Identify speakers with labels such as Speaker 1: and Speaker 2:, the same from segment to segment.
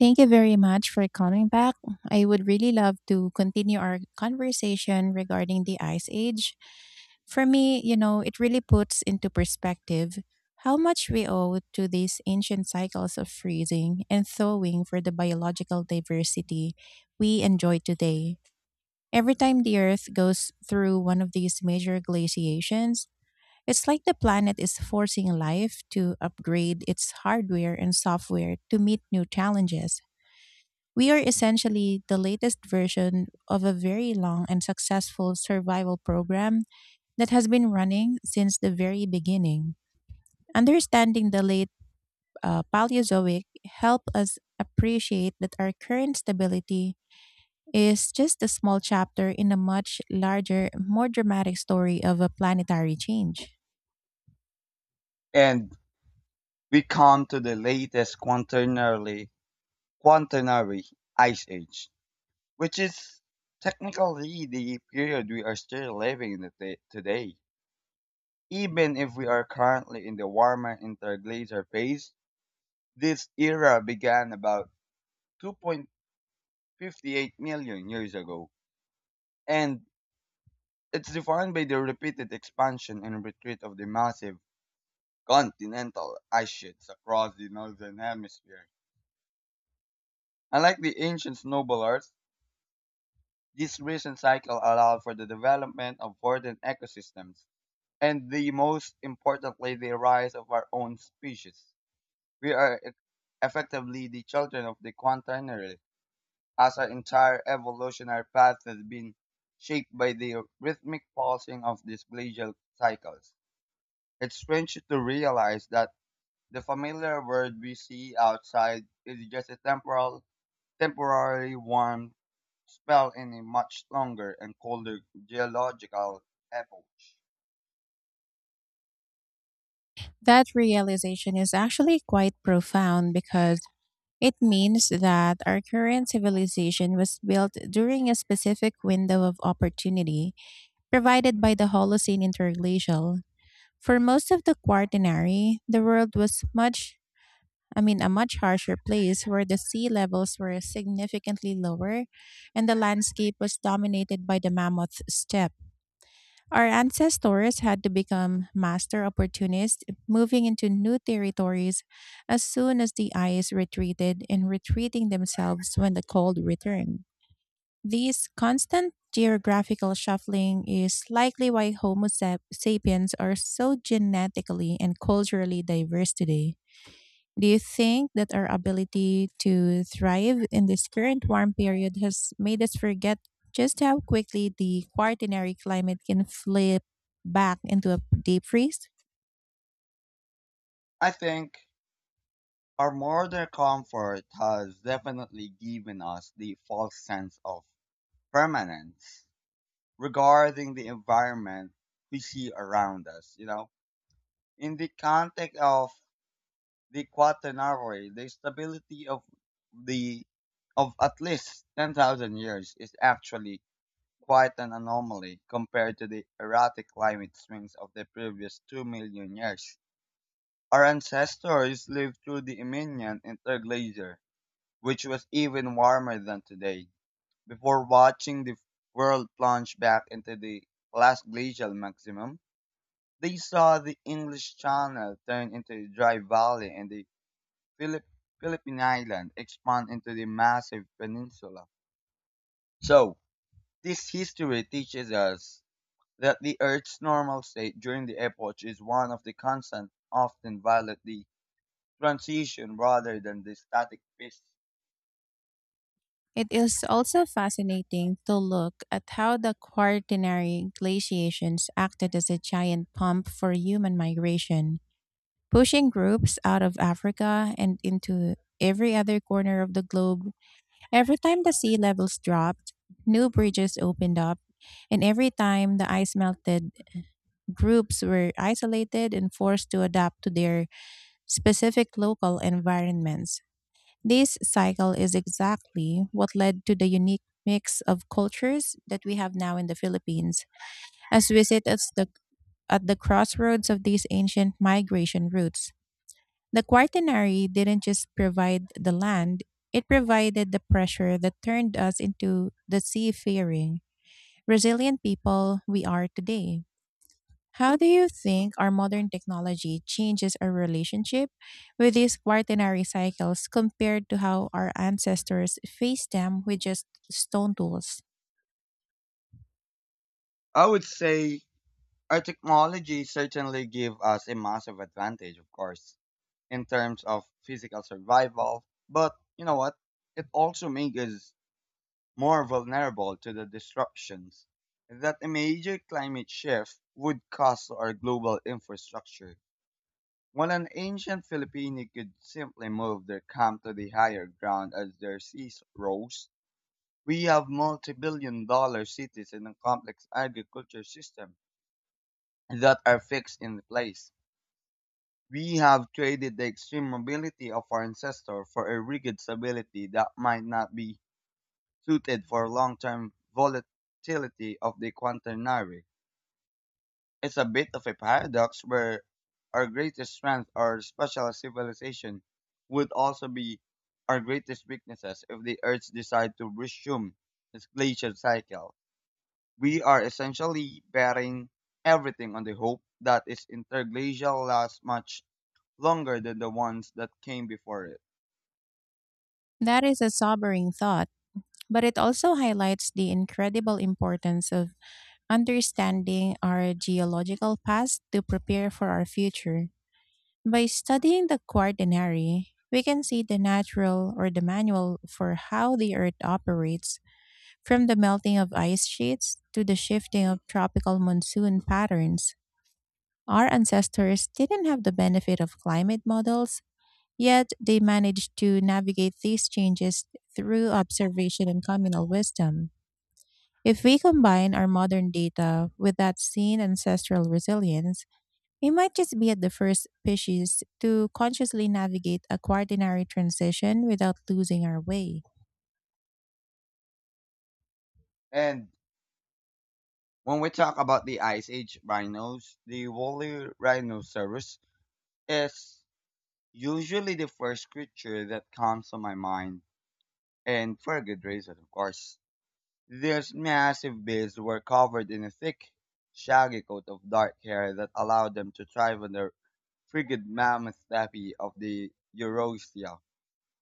Speaker 1: Thank you very much for calling back. I would really love to continue our conversation regarding the Ice Age. For me, it really puts into perspective how much we owe to these ancient cycles of freezing and thawing for the biological diversity we enjoy today. Every time the Earth goes through one of these major glaciations, it's like the planet is forcing life to upgrade its hardware and software to meet new challenges. We are essentially the latest version of a very long and successful survival program that has been running since the very beginning. Understanding the late Paleozoic helped us appreciate that our current stability is just a small chapter in a much larger, more dramatic story of a planetary change.
Speaker 2: And we come to the latest quaternary ice age, which is technically the period we are still living in the today. Even if we are currently in the warmer interglacier phase, this era began about 2.58 million years ago, and it's defined by the repeated expansion and retreat of the massive continental ice sheets across the northern hemisphere. Unlike the ancient snowballers, this recent cycle allowed for the development of verdant ecosystems and the most importantly the rise of our own species. We are effectively the children of the quaternary, as our entire evolutionary path has been shaped by the rhythmic pulsing of these glacial cycles. It's strange to realize that the familiar world we see outside is just a temporal Temporary warm spell in a much longer and colder geological epoch.
Speaker 1: That realization is actually quite profound, because it means that our current civilization was built during a specific window of opportunity provided by the Holocene interglacial. For most of the Quaternary, the world was much, I mean, a much harsher place, where the sea levels were significantly lower and the landscape was dominated by the mammoth steppe. Our ancestors had to become master opportunists, moving into new territories as soon as the ice retreated and retreating themselves when the cold returned. This constant geographical shuffling is likely why Homo sapiens are so genetically and culturally diverse today. Do you think that our ability to thrive in this current warm period has made us forget just how quickly the quaternary climate can flip back into a deep freeze?
Speaker 2: I think our modern comfort has definitely given us the false sense of permanence regarding the environment we see around us. In the context of the quaternary, the stability of the of at least 10,000 years is actually quite an anomaly compared to the erratic climate swings of the previous 2 million years. Our ancestors lived through the Ionian interglacier, which was even warmer than today, before watching the world plunge back into the last glacial maximum. They saw the English Channel turn into a dry valley, and the Philip- Philippine island expand into the massive peninsula. So, this history teaches us that the Earth's normal state during the epoch is one of the constant, often violent the transition rather than the static phase.
Speaker 1: It is also fascinating to look at how the quaternary glaciations acted as a giant pump for human migration, pushing groups out of Africa and into every other corner of the globe. Every time the sea levels dropped, new bridges opened up, and every time the ice melted, groups were isolated and forced to adapt to their specific local environments. This cycle is exactly what led to the unique mix of cultures that we have now in the Philippines, as we sit at the crossroads of these ancient migration routes. The Quaternary didn't just provide the land; it provided the pressure that turned us into the seafaring, resilient people we are today. How do you think our modern technology changes our relationship with these Quaternary cycles compared to how our ancestors faced them with just stone tools?
Speaker 2: I would say our technology certainly give us a massive advantage, of course, in terms of physical survival. But you know what? It also makes us more vulnerable to the disruptions that a major climate shift would cause to our global infrastructure. While an ancient Filipino could simply move their camp to the higher ground as their seas rose, we have multi-billion dollar cities and a complex agriculture system that are fixed in place. We have traded the extreme mobility of our ancestor for a rigid stability that might not be suited for long-term volatility of the quaternary. It's a bit of a paradox where our greatest strength, or special civilization, would also be our greatest weaknesses if the Earth decide to resume its glacial cycle. We are essentially bearing everything on the hope that its interglacial lasts much longer than the ones that came before it.
Speaker 1: That is a sobering thought, but it also highlights the incredible importance of understanding our geological past to prepare for our future. By studying the quaternary, we can see the natural, or the manual, for how the Earth operates, from the melting of ice sheets to the shifting of tropical monsoon patterns. Our ancestors didn't have the benefit of climate models, yet they managed to navigate these changes through observation and communal wisdom. If we combine our modern data with that seen ancestral resilience, we might just be at the first species to consciously navigate a quaternary transition without losing our way.
Speaker 2: And when we talk about the Ice Age rhinos, the woolly rhinoceros is usually the first creature that comes to my mind, and for good reason, of course. These massive beasts were covered in a thick, shaggy coat of dark hair that allowed them to thrive on the frigid mammoth tapi of the Eurasia.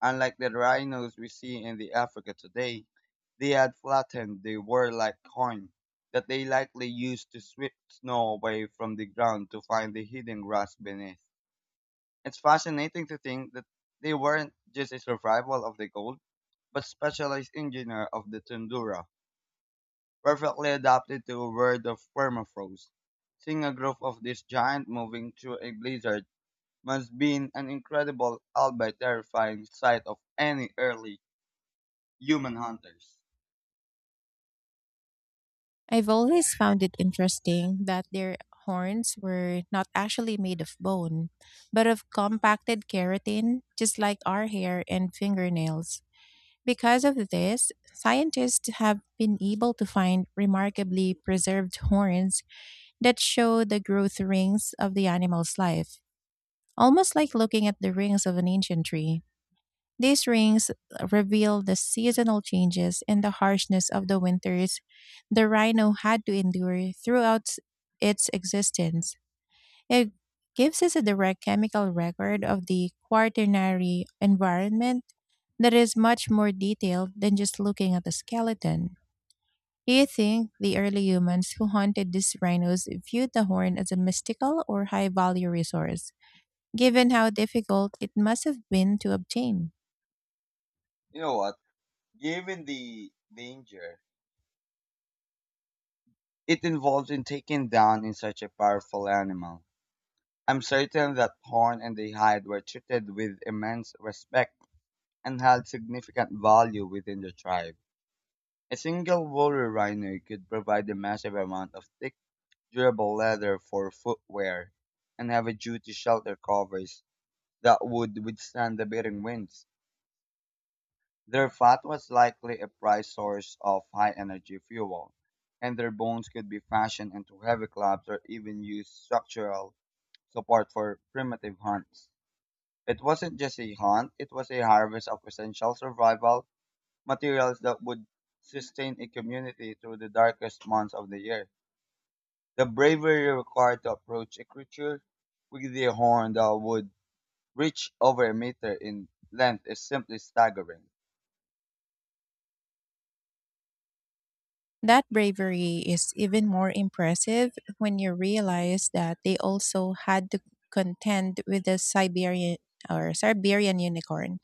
Speaker 2: Unlike the rhinos we see in the Africa today, they had flattened the warlike horn that they likely used to sweep snow away from the ground to find the hidden grass beneath. It's fascinating to think that they weren't just a survival of the cold, but specialized engineer of the tundra, perfectly adapted to a world of permafrost. Seeing a group of this giant moving through a blizzard must be an incredible, albeit terrifying sight of any early human hunters.
Speaker 1: I've always found it interesting that their horns were not actually made of bone, but of compacted keratin, just like our hair and fingernails. Because of this, scientists have been able to find remarkably preserved horns that show the growth rings of the animal's life, almost like looking at the rings of an ancient tree. These rings reveal the seasonal changes and the harshness of the winters the rhino had to endure throughout its existence. It gives us a direct chemical record of the quaternary environment that is much more detailed than just looking at the skeleton. Do you think the early humans who hunted these rhinos viewed the horn as a mystical or high value resource, given how difficult it must have been to obtain?
Speaker 2: You know what? Given the danger it involves in taking down in such a powerful animal, I'm certain that horn and the hide were treated with immense respect and held significant value within the tribe. A single woolly rhino could provide a massive amount of thick, durable leather for footwear and heavy-duty shelter covers that would withstand the biting winds. Their fat was likely a prized source of high-energy fuel, and their bones could be fashioned into heavy clubs or even used structural support for primitive hunts. It wasn't just a hunt, it was a harvest of essential survival materials that would sustain a community through the darkest months of the year. The bravery required to approach a creature with a horn that would reach over a meter in length is simply staggering.
Speaker 1: That bravery is even more impressive when you realize that they also had to contend with the Siberian, or Siberian unicorn,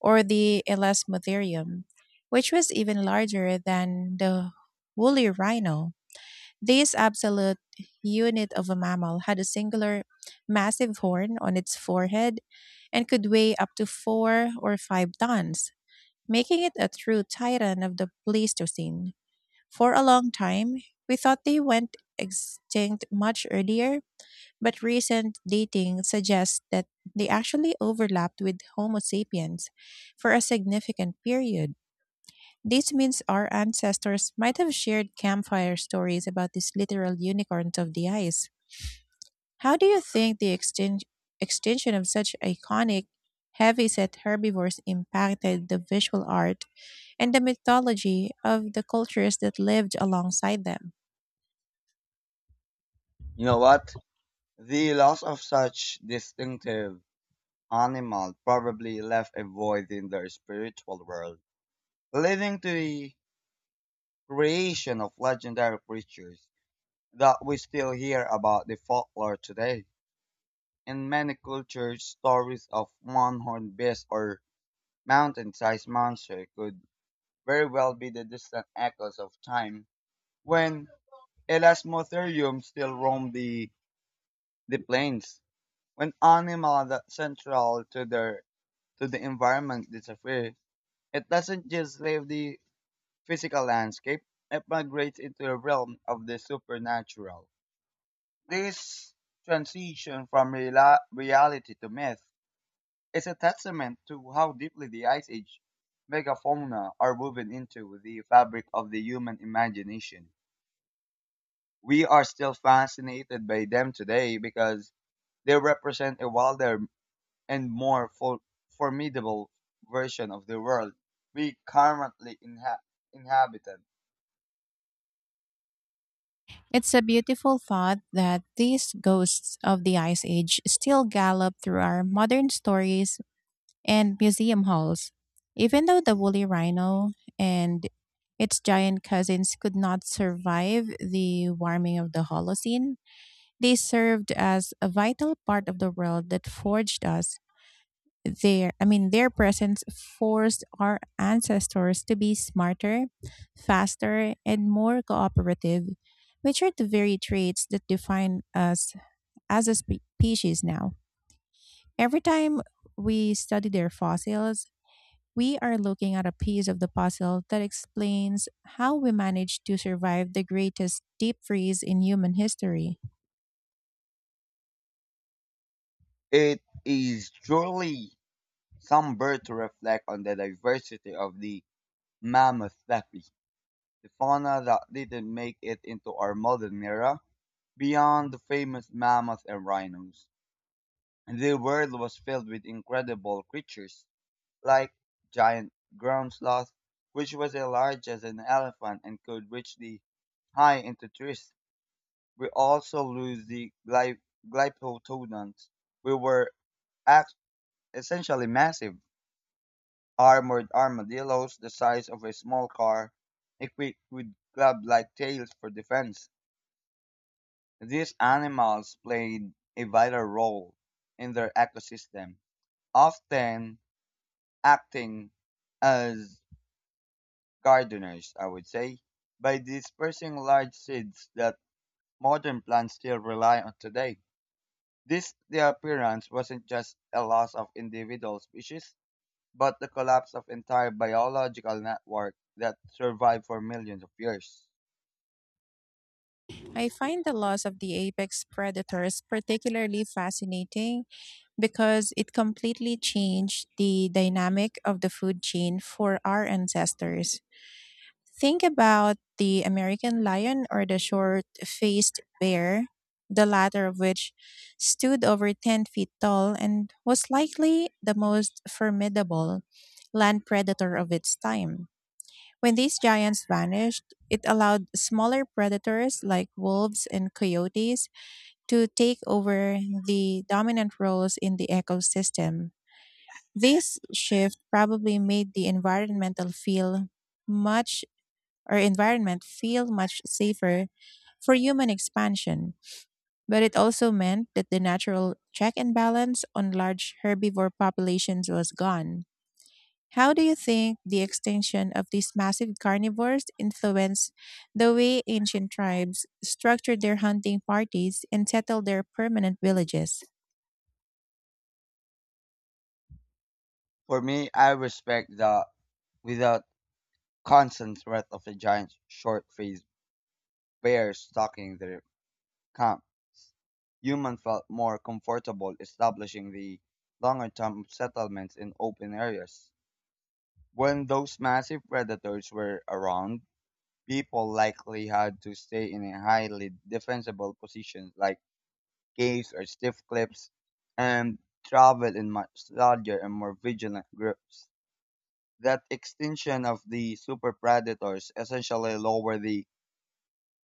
Speaker 1: or the Elasmotherium, which was even larger than the woolly rhino. This absolute unit of a mammal had a singular massive horn on its forehead and could weigh up to 4 or 5 tons, making it a true titan of the Pleistocene. For a long time, we thought they went extinct much earlier, but recent dating suggests that they actually overlapped with Homo sapiens for a significant period. This means our ancestors might have shared campfire stories about these literal unicorns of the ice. How do you think the extinction of such iconic, heavy set herbivores impacted the visual art and the mythology of the cultures that lived alongside them?
Speaker 2: You know what? The loss of such distinctive animal probably left a void in their spiritual world, leading to the creation of legendary creatures that we still hear about the folklore today. In many cultures, stories of one-horned beast or mountain-sized monster could very well be the distant echoes of time when elasmotherium still roamed the plains. When animals that central to their to the environment disappear, it doesn't just leave the physical landscape, it migrates into the realm of the supernatural. This transition from rela reality to myth is a testament to how deeply the Ice Age megafauna are woven into the fabric of the human imagination. We are still fascinated by them today because they represent a wilder and more formidable version of the world we currently inhabit.
Speaker 1: It's a beautiful thought that these ghosts of the Ice Age still gallop through our modern stories and museum halls. Even though the woolly rhino and its giant cousins could not survive the warming of the Holocene, they served as a vital part of the world that forged us. Their I mean, their presence forced our ancestors to be smarter, faster, and more cooperative, which are the very traits that define us as a species now. Every time we study their fossils, we are looking at a piece of the puzzle that explains how we managed to survive the greatest deep freeze in human history.
Speaker 2: It is truly somber to reflect on the diversity of the mammoth puppy, the fauna that didn't make it into our modern era. Beyond the famous mammoth and rhinos, the world was filled with incredible creatures like giant ground sloth, which was as large as an elephant and could reach the high into trees. We also lose the glyptodons, which were act- essentially massive armored armadillos the size of a small car, equipped with club-like tails for defense. These animals played a vital role in their ecosystem, often acting as gardeners, I would say, by dispersing large seeds that modern plants still rely on today. This disappearance wasn't just a loss of individual species, but the collapse of entire biological network that survived for millions of years.
Speaker 1: I find the loss of the apex predators particularly fascinating because it completely changed the dynamic of the food chain for our ancestors. Think about the American lion or the short faced bear, the latter of which stood over 10 feet tall and was likely the most formidable land predator of its time. When these giants vanished, it allowed smaller predators like wolves and coyotes to take over the dominant roles in the ecosystem. This shift probably made the much environment feel much safer for human expansion, but it also meant that the natural check and balance on large herbivore populations was gone. How do you think the extinction of these massive carnivores influenced the way ancient tribes structured their hunting parties and settled their permanent villages?
Speaker 2: For me, I respect the without constant threat of the giant short-faced bear stalking their camp. Human felt more comfortable establishing the longer-term settlements in open areas. When those massive predators were around, people likely had to stay in a highly defensible positions like caves or stiff cliffs and travel in much larger and more vigilant groups. That extinction of the super predators essentially lowered the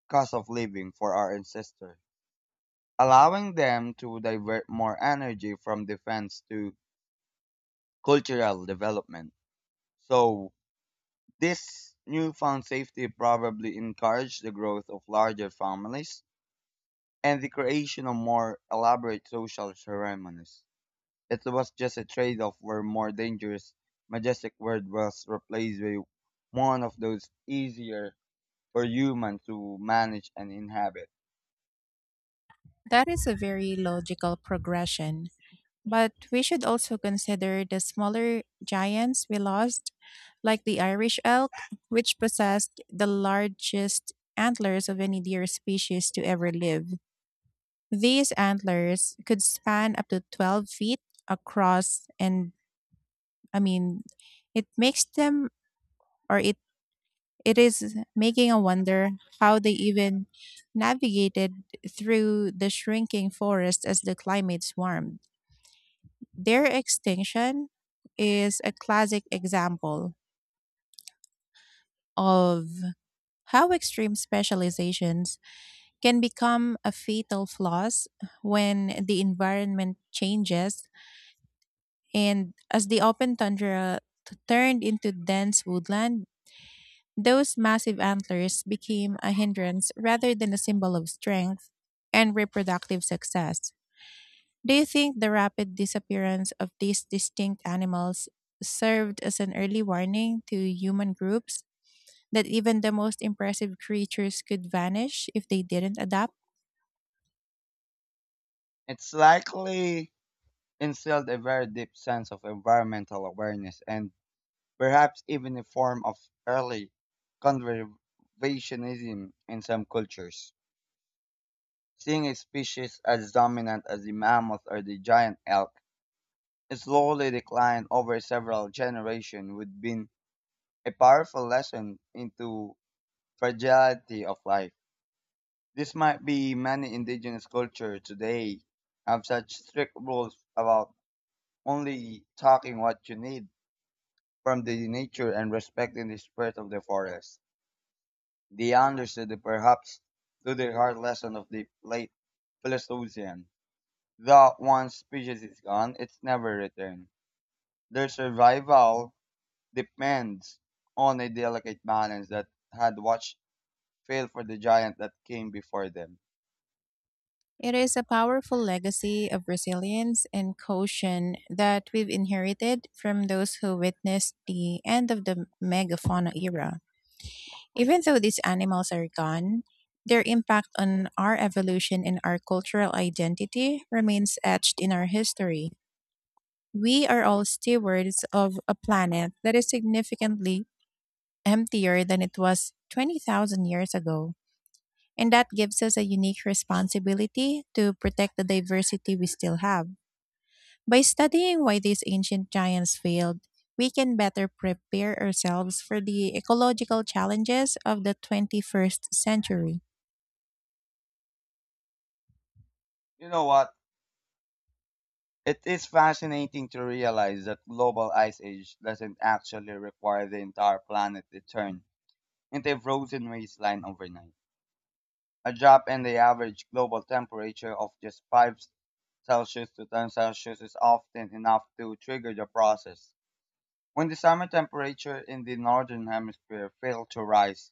Speaker 2: cost of living for our ancestors, allowing them to divert more energy from defense to cultural development. So, this newfound safety probably encouraged the growth of larger families and the creation of more elaborate social ceremonies. It was just a trade off where more dangerous, majestic word was replaced by one of those easier for humans to manage and inhabit.
Speaker 1: That is a very logical progression. But we should also consider the smaller giants we lost, like the Irish elk, which possessed the largest antlers of any deer species to ever live. These antlers could span up to 12 feet across, and I mean, it makes them, or it is making a wonder how they even navigated through the shrinking forest as the climates warmed. Their extinction is a classic example of how extreme specializations can become a fatal flaws when the environment changes, and as the open tundra turned into dense woodland, those massive antlers became a hindrance rather than a symbol of strength and reproductive success. Do you think the rapid disappearance of these distinct animals served as an early warning to human groups that even the most impressive creatures could vanish if they didn't adapt?
Speaker 2: It's likely instilled a very deep sense of environmental awareness and perhaps even a form of early conservationism in some cultures. Seeing species as dominant as the mammoth or the giant elk slowly decline over several generations would be a powerful lesson into fragility of life. This might be many indigenous cultures today have such strict rules about only talking what you need from the nature and respecting the spirit of the forest. They understood the perhaps through the hard lesson of the late Pleistocene that once species is gone, it's never returned. Their survival depends on a delicate balance that had watched fail for the giant that came before them.
Speaker 1: It is a powerful legacy of resilience and caution that we've inherited from those who witnessed the end of the megafauna era. Even though these animals are gone, their impact on our evolution and our cultural identity remains etched in our history. We are all stewards of a planet that is significantly emptier than it was 20,000 years ago. And that gives us a unique responsibility to protect the diversity we still have. By studying why these ancient giants failed, we can better prepare ourselves for the ecological challenges of the 21st century.
Speaker 2: You know what? It is fascinating to realize that global ice age doesn't actually require the entire planet to turn into a frozen wasteland overnight. A drop in the average global temperature of just 5 Celsius to 10 Celsius is often enough to trigger the process. When the summer temperature in the northern hemisphere fails to rise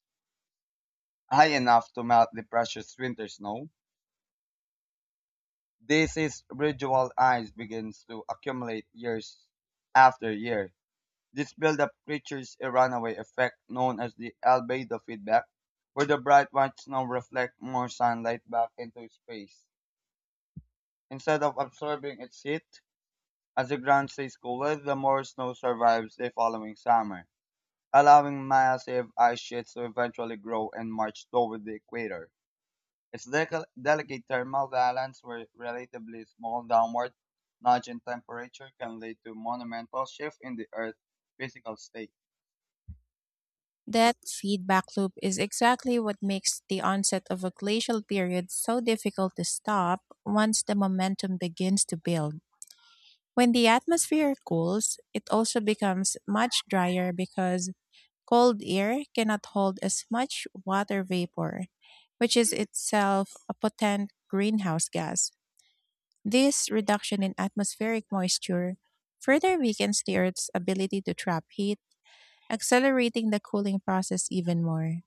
Speaker 2: high enough to melt the precious winter snow, this is residual ice begins to accumulate year after year. This buildup creates a runaway effect known as the albedo feedback, where the bright white snow reflects more sunlight back into space. Instead of absorbing its heat, as the ground stays cooler, the more snow survives the following summer, allowing massive ice sheets to eventually grow and march toward the equator. Its delicate thermal balance where relatively small downward nudge in temperature can lead to monumental shift in the Earth's physical state.
Speaker 1: That feedback loop is exactly what makes the onset of a glacial period so difficult to stop once the momentum begins to build. When the atmosphere cools, it also becomes much drier because cold air cannot hold as much water vapor, which is itself a potent greenhouse gas. This reduction in atmospheric moisture further weakens the Earth's ability to trap heat, accelerating the cooling process even more.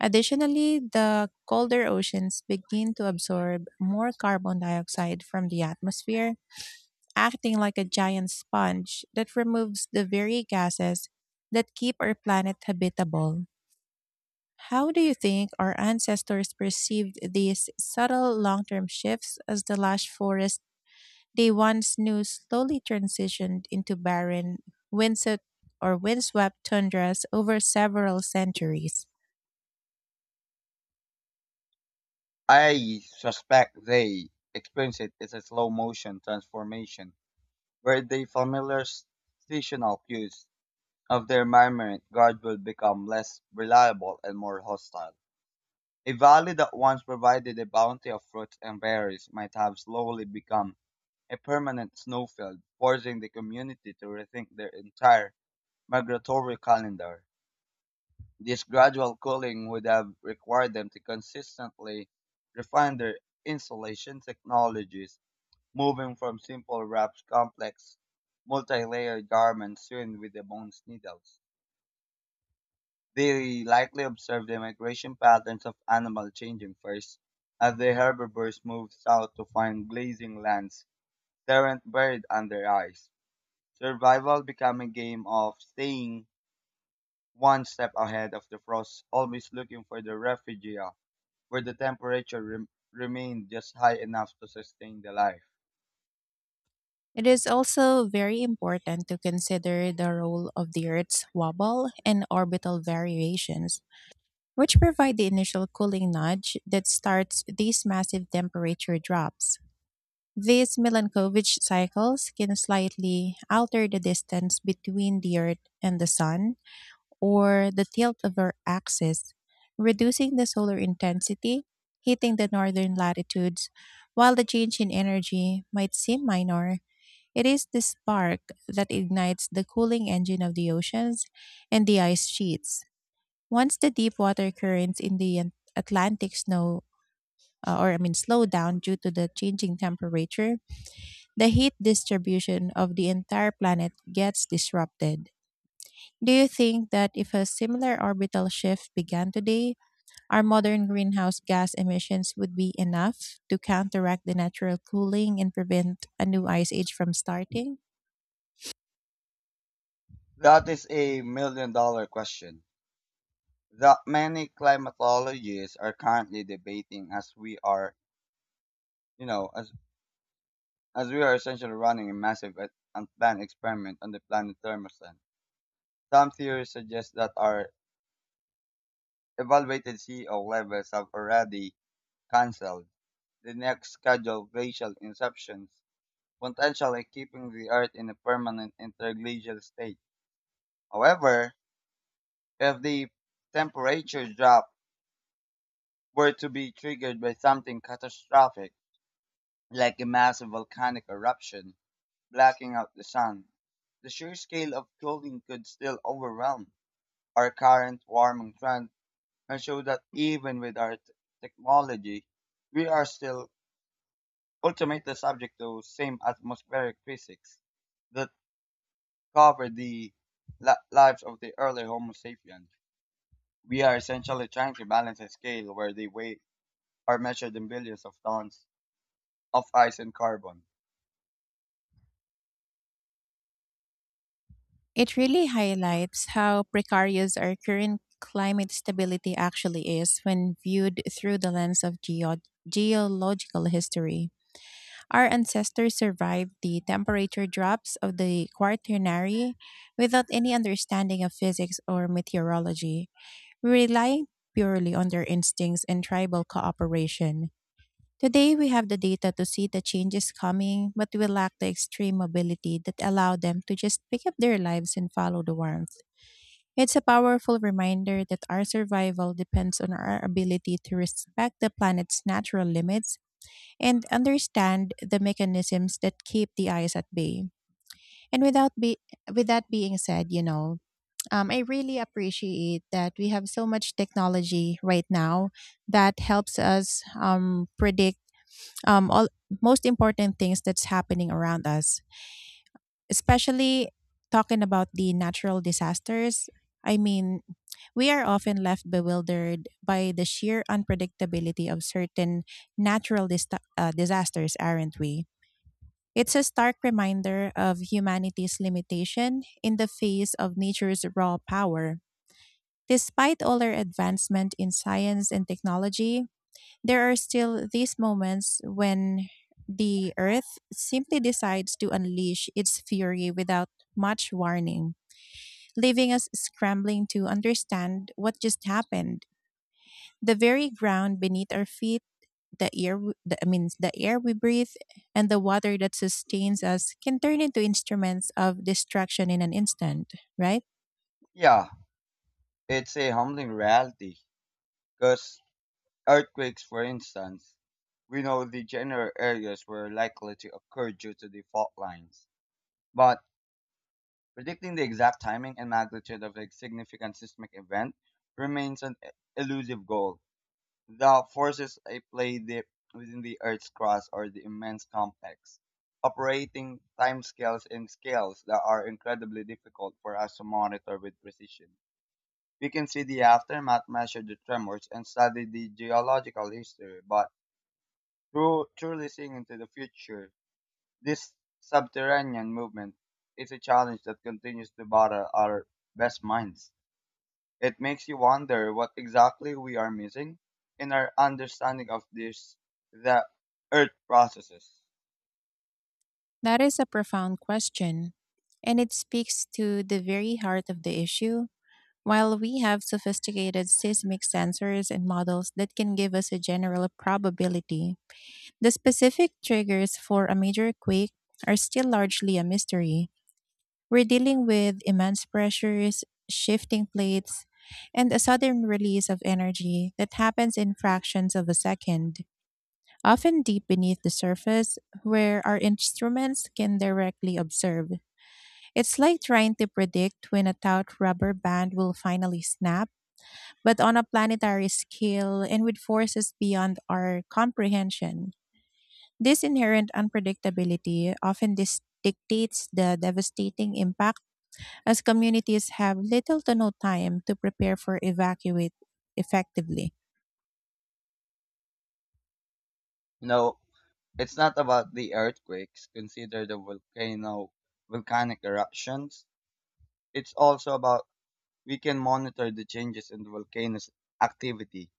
Speaker 1: Additionally, the colder oceans begin to absorb more carbon dioxide from the atmosphere, acting like a giant sponge that removes the very gases that keep our planet habitable. How do you think our ancestors perceived these subtle long term shifts as the lush forest they once knew slowly transitioned into barren, windswept, or windswept tundras over several centuries?
Speaker 2: I suspect they experience it as a slow motion transformation, where the familiar seasonal cues of their environment guard will become less reliable and more hostile. A valley that once provided a bounty of fruits and berries might have slowly become a permanent snowfield, forcing the community to rethink their entire migratory calendar. This gradual cooling would have required them to consistently refine their insulation technologies, moving from simple wraps complex multi-layered garments sewn with the bones needles. They likely observed the migration patterns of animals changing first, as the herbivores moved south to find grazing lands, terrant buried under ice. Survival became a game of staying one step ahead of the frost, always looking for the refugia, where the temperature remained just high enough to sustain the life.
Speaker 1: It is also very important to consider the role of the Earth's wobble and orbital variations, which provide the initial cooling nudge that starts these massive temperature drops. These Milankovitch cycles can slightly alter the distance between the Earth and the Sun or the tilt of our axis, reducing the solar intensity hitting the northern latitudes. While the change in energy might seem minor, it is the spark that ignites the cooling engine of the oceans and the ice sheets. Once the deep water currents in the Atlantic snow or I mean, slow down due to the changing temperature, the heat distribution of the entire planet gets disrupted. Do you think that if a similar orbital shift began today, our modern greenhouse gas emissions would be enough to counteract the natural cooling and prevent a new ice age from starting?
Speaker 2: That is a million dollar question that many climatologists are currently debating as we are, you know, as as we are essentially running a massive and unplanned experiment on the planet thermostat. Some theories suggest that our evaluated CO levels have already cancelled the next scheduled glacial inceptions, potentially keeping the Earth in a permanent interglacial state. However, if the temperature drop were to be triggered by something catastrophic, like a massive volcanic eruption blacking out the sun, the sheer scale of cooling could still overwhelm our current warming trend, and show that even with our technology, we are still ultimately subject to same atmospheric physics that covered the lives of the early Homo sapiens. We are essentially trying to balance a scale where the weight are measured in billions of tons of ice and carbon.
Speaker 1: It really highlights how precarious our current climate stability actually is when viewed through the lens of geological history. Our ancestors survived the temperature drops of the Quaternary without any understanding of physics or meteorology, relying purely on their instincts and tribal cooperation. Today, we have the data to see the changes coming, but we lack the extreme mobility that allowed them to just pick up their lives and follow the warmth. It's a powerful reminder that our survival depends on our ability to respect the planet's natural limits and understand the mechanisms that keep the ice at bay. And without be- with that being said, I really appreciate that we have so much technology right now that helps us predict all most important things that's happening around us, especially talking about the natural disasters. I mean, we are often left bewildered by the sheer unpredictability of certain natural disasters, aren't we? It's a stark reminder of humanity's limitation in the face of nature's raw power. Despite all our advancement in science and technology, there are still these moments when the Earth simply decides to unleash its fury without much warning, leaving us scrambling to understand what just happened. The very ground beneath our feet, the air, I mean, the air we breathe, and the water that sustains us can turn into instruments of destruction in an instant, right?
Speaker 2: Yeah, it's a humbling reality because earthquakes, for instance, we know the general areas were likely to occur due to the fault lines. But predicting the exact timing and magnitude of a significant seismic event remains an elusive goal. The forces at play deep within the Earth's crust are the immense complex, operating timescales and scales that are incredibly difficult for us to monitor with precision. We can see the aftermath, measure the tremors, and study the geological history, but through truly seeing into the future. This subterranean movement is a challenge that continues to bother our best minds. It makes you wonder what exactly we are missing in our understanding of this, the Earth processes.
Speaker 1: That is a profound question, and it speaks to the very heart of the issue. While we have sophisticated seismic sensors and models that can give us a general probability, the specific triggers for a major quake are still largely a mystery. We're dealing with immense pressures, shifting plates, and a sudden release of energy that happens in fractions of a second, often deep beneath the surface where our instruments can directly observe. It's like trying to predict when a taut rubber band will finally snap, but on a planetary scale and with forces beyond our comprehension. This inherent unpredictability often dictates the devastating impact, as communities have little to no time to prepare for evacuate effectively.
Speaker 2: No, it's not about the earthquakes, consider the volcanic eruptions. It's also about we can monitor the changes in the volcano's activity,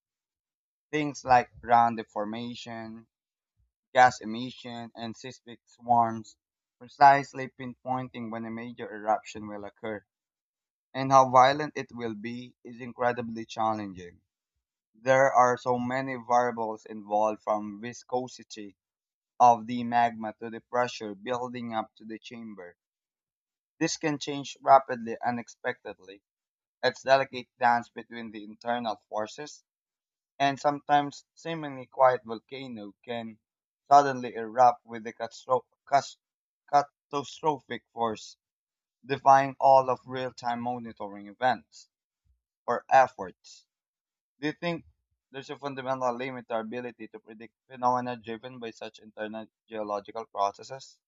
Speaker 2: things like ground deformation, gas emission, and seismic swarms. Precisely pinpointing when a major eruption will occur and how violent it will be is incredibly challenging. There are so many variables involved, from viscosity of the magma to the pressure building up to the chamber. This can change rapidly and unexpectedly. It's delicate dance between the internal forces, and sometimes seemingly quiet volcano can suddenly erupt with a catastrophic force, defying all of real-time monitoring events or efforts. Do you think there's a fundamental limit to our ability to predict phenomena driven by such internal geological processes?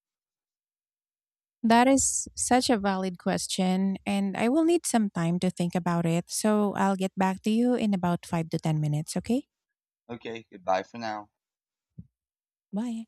Speaker 1: That is such a valid question, and I will need some time to think about it. So I'll get back to you in about 5 to 10 minutes, okay?
Speaker 2: Okay, goodbye for now.
Speaker 1: Bye.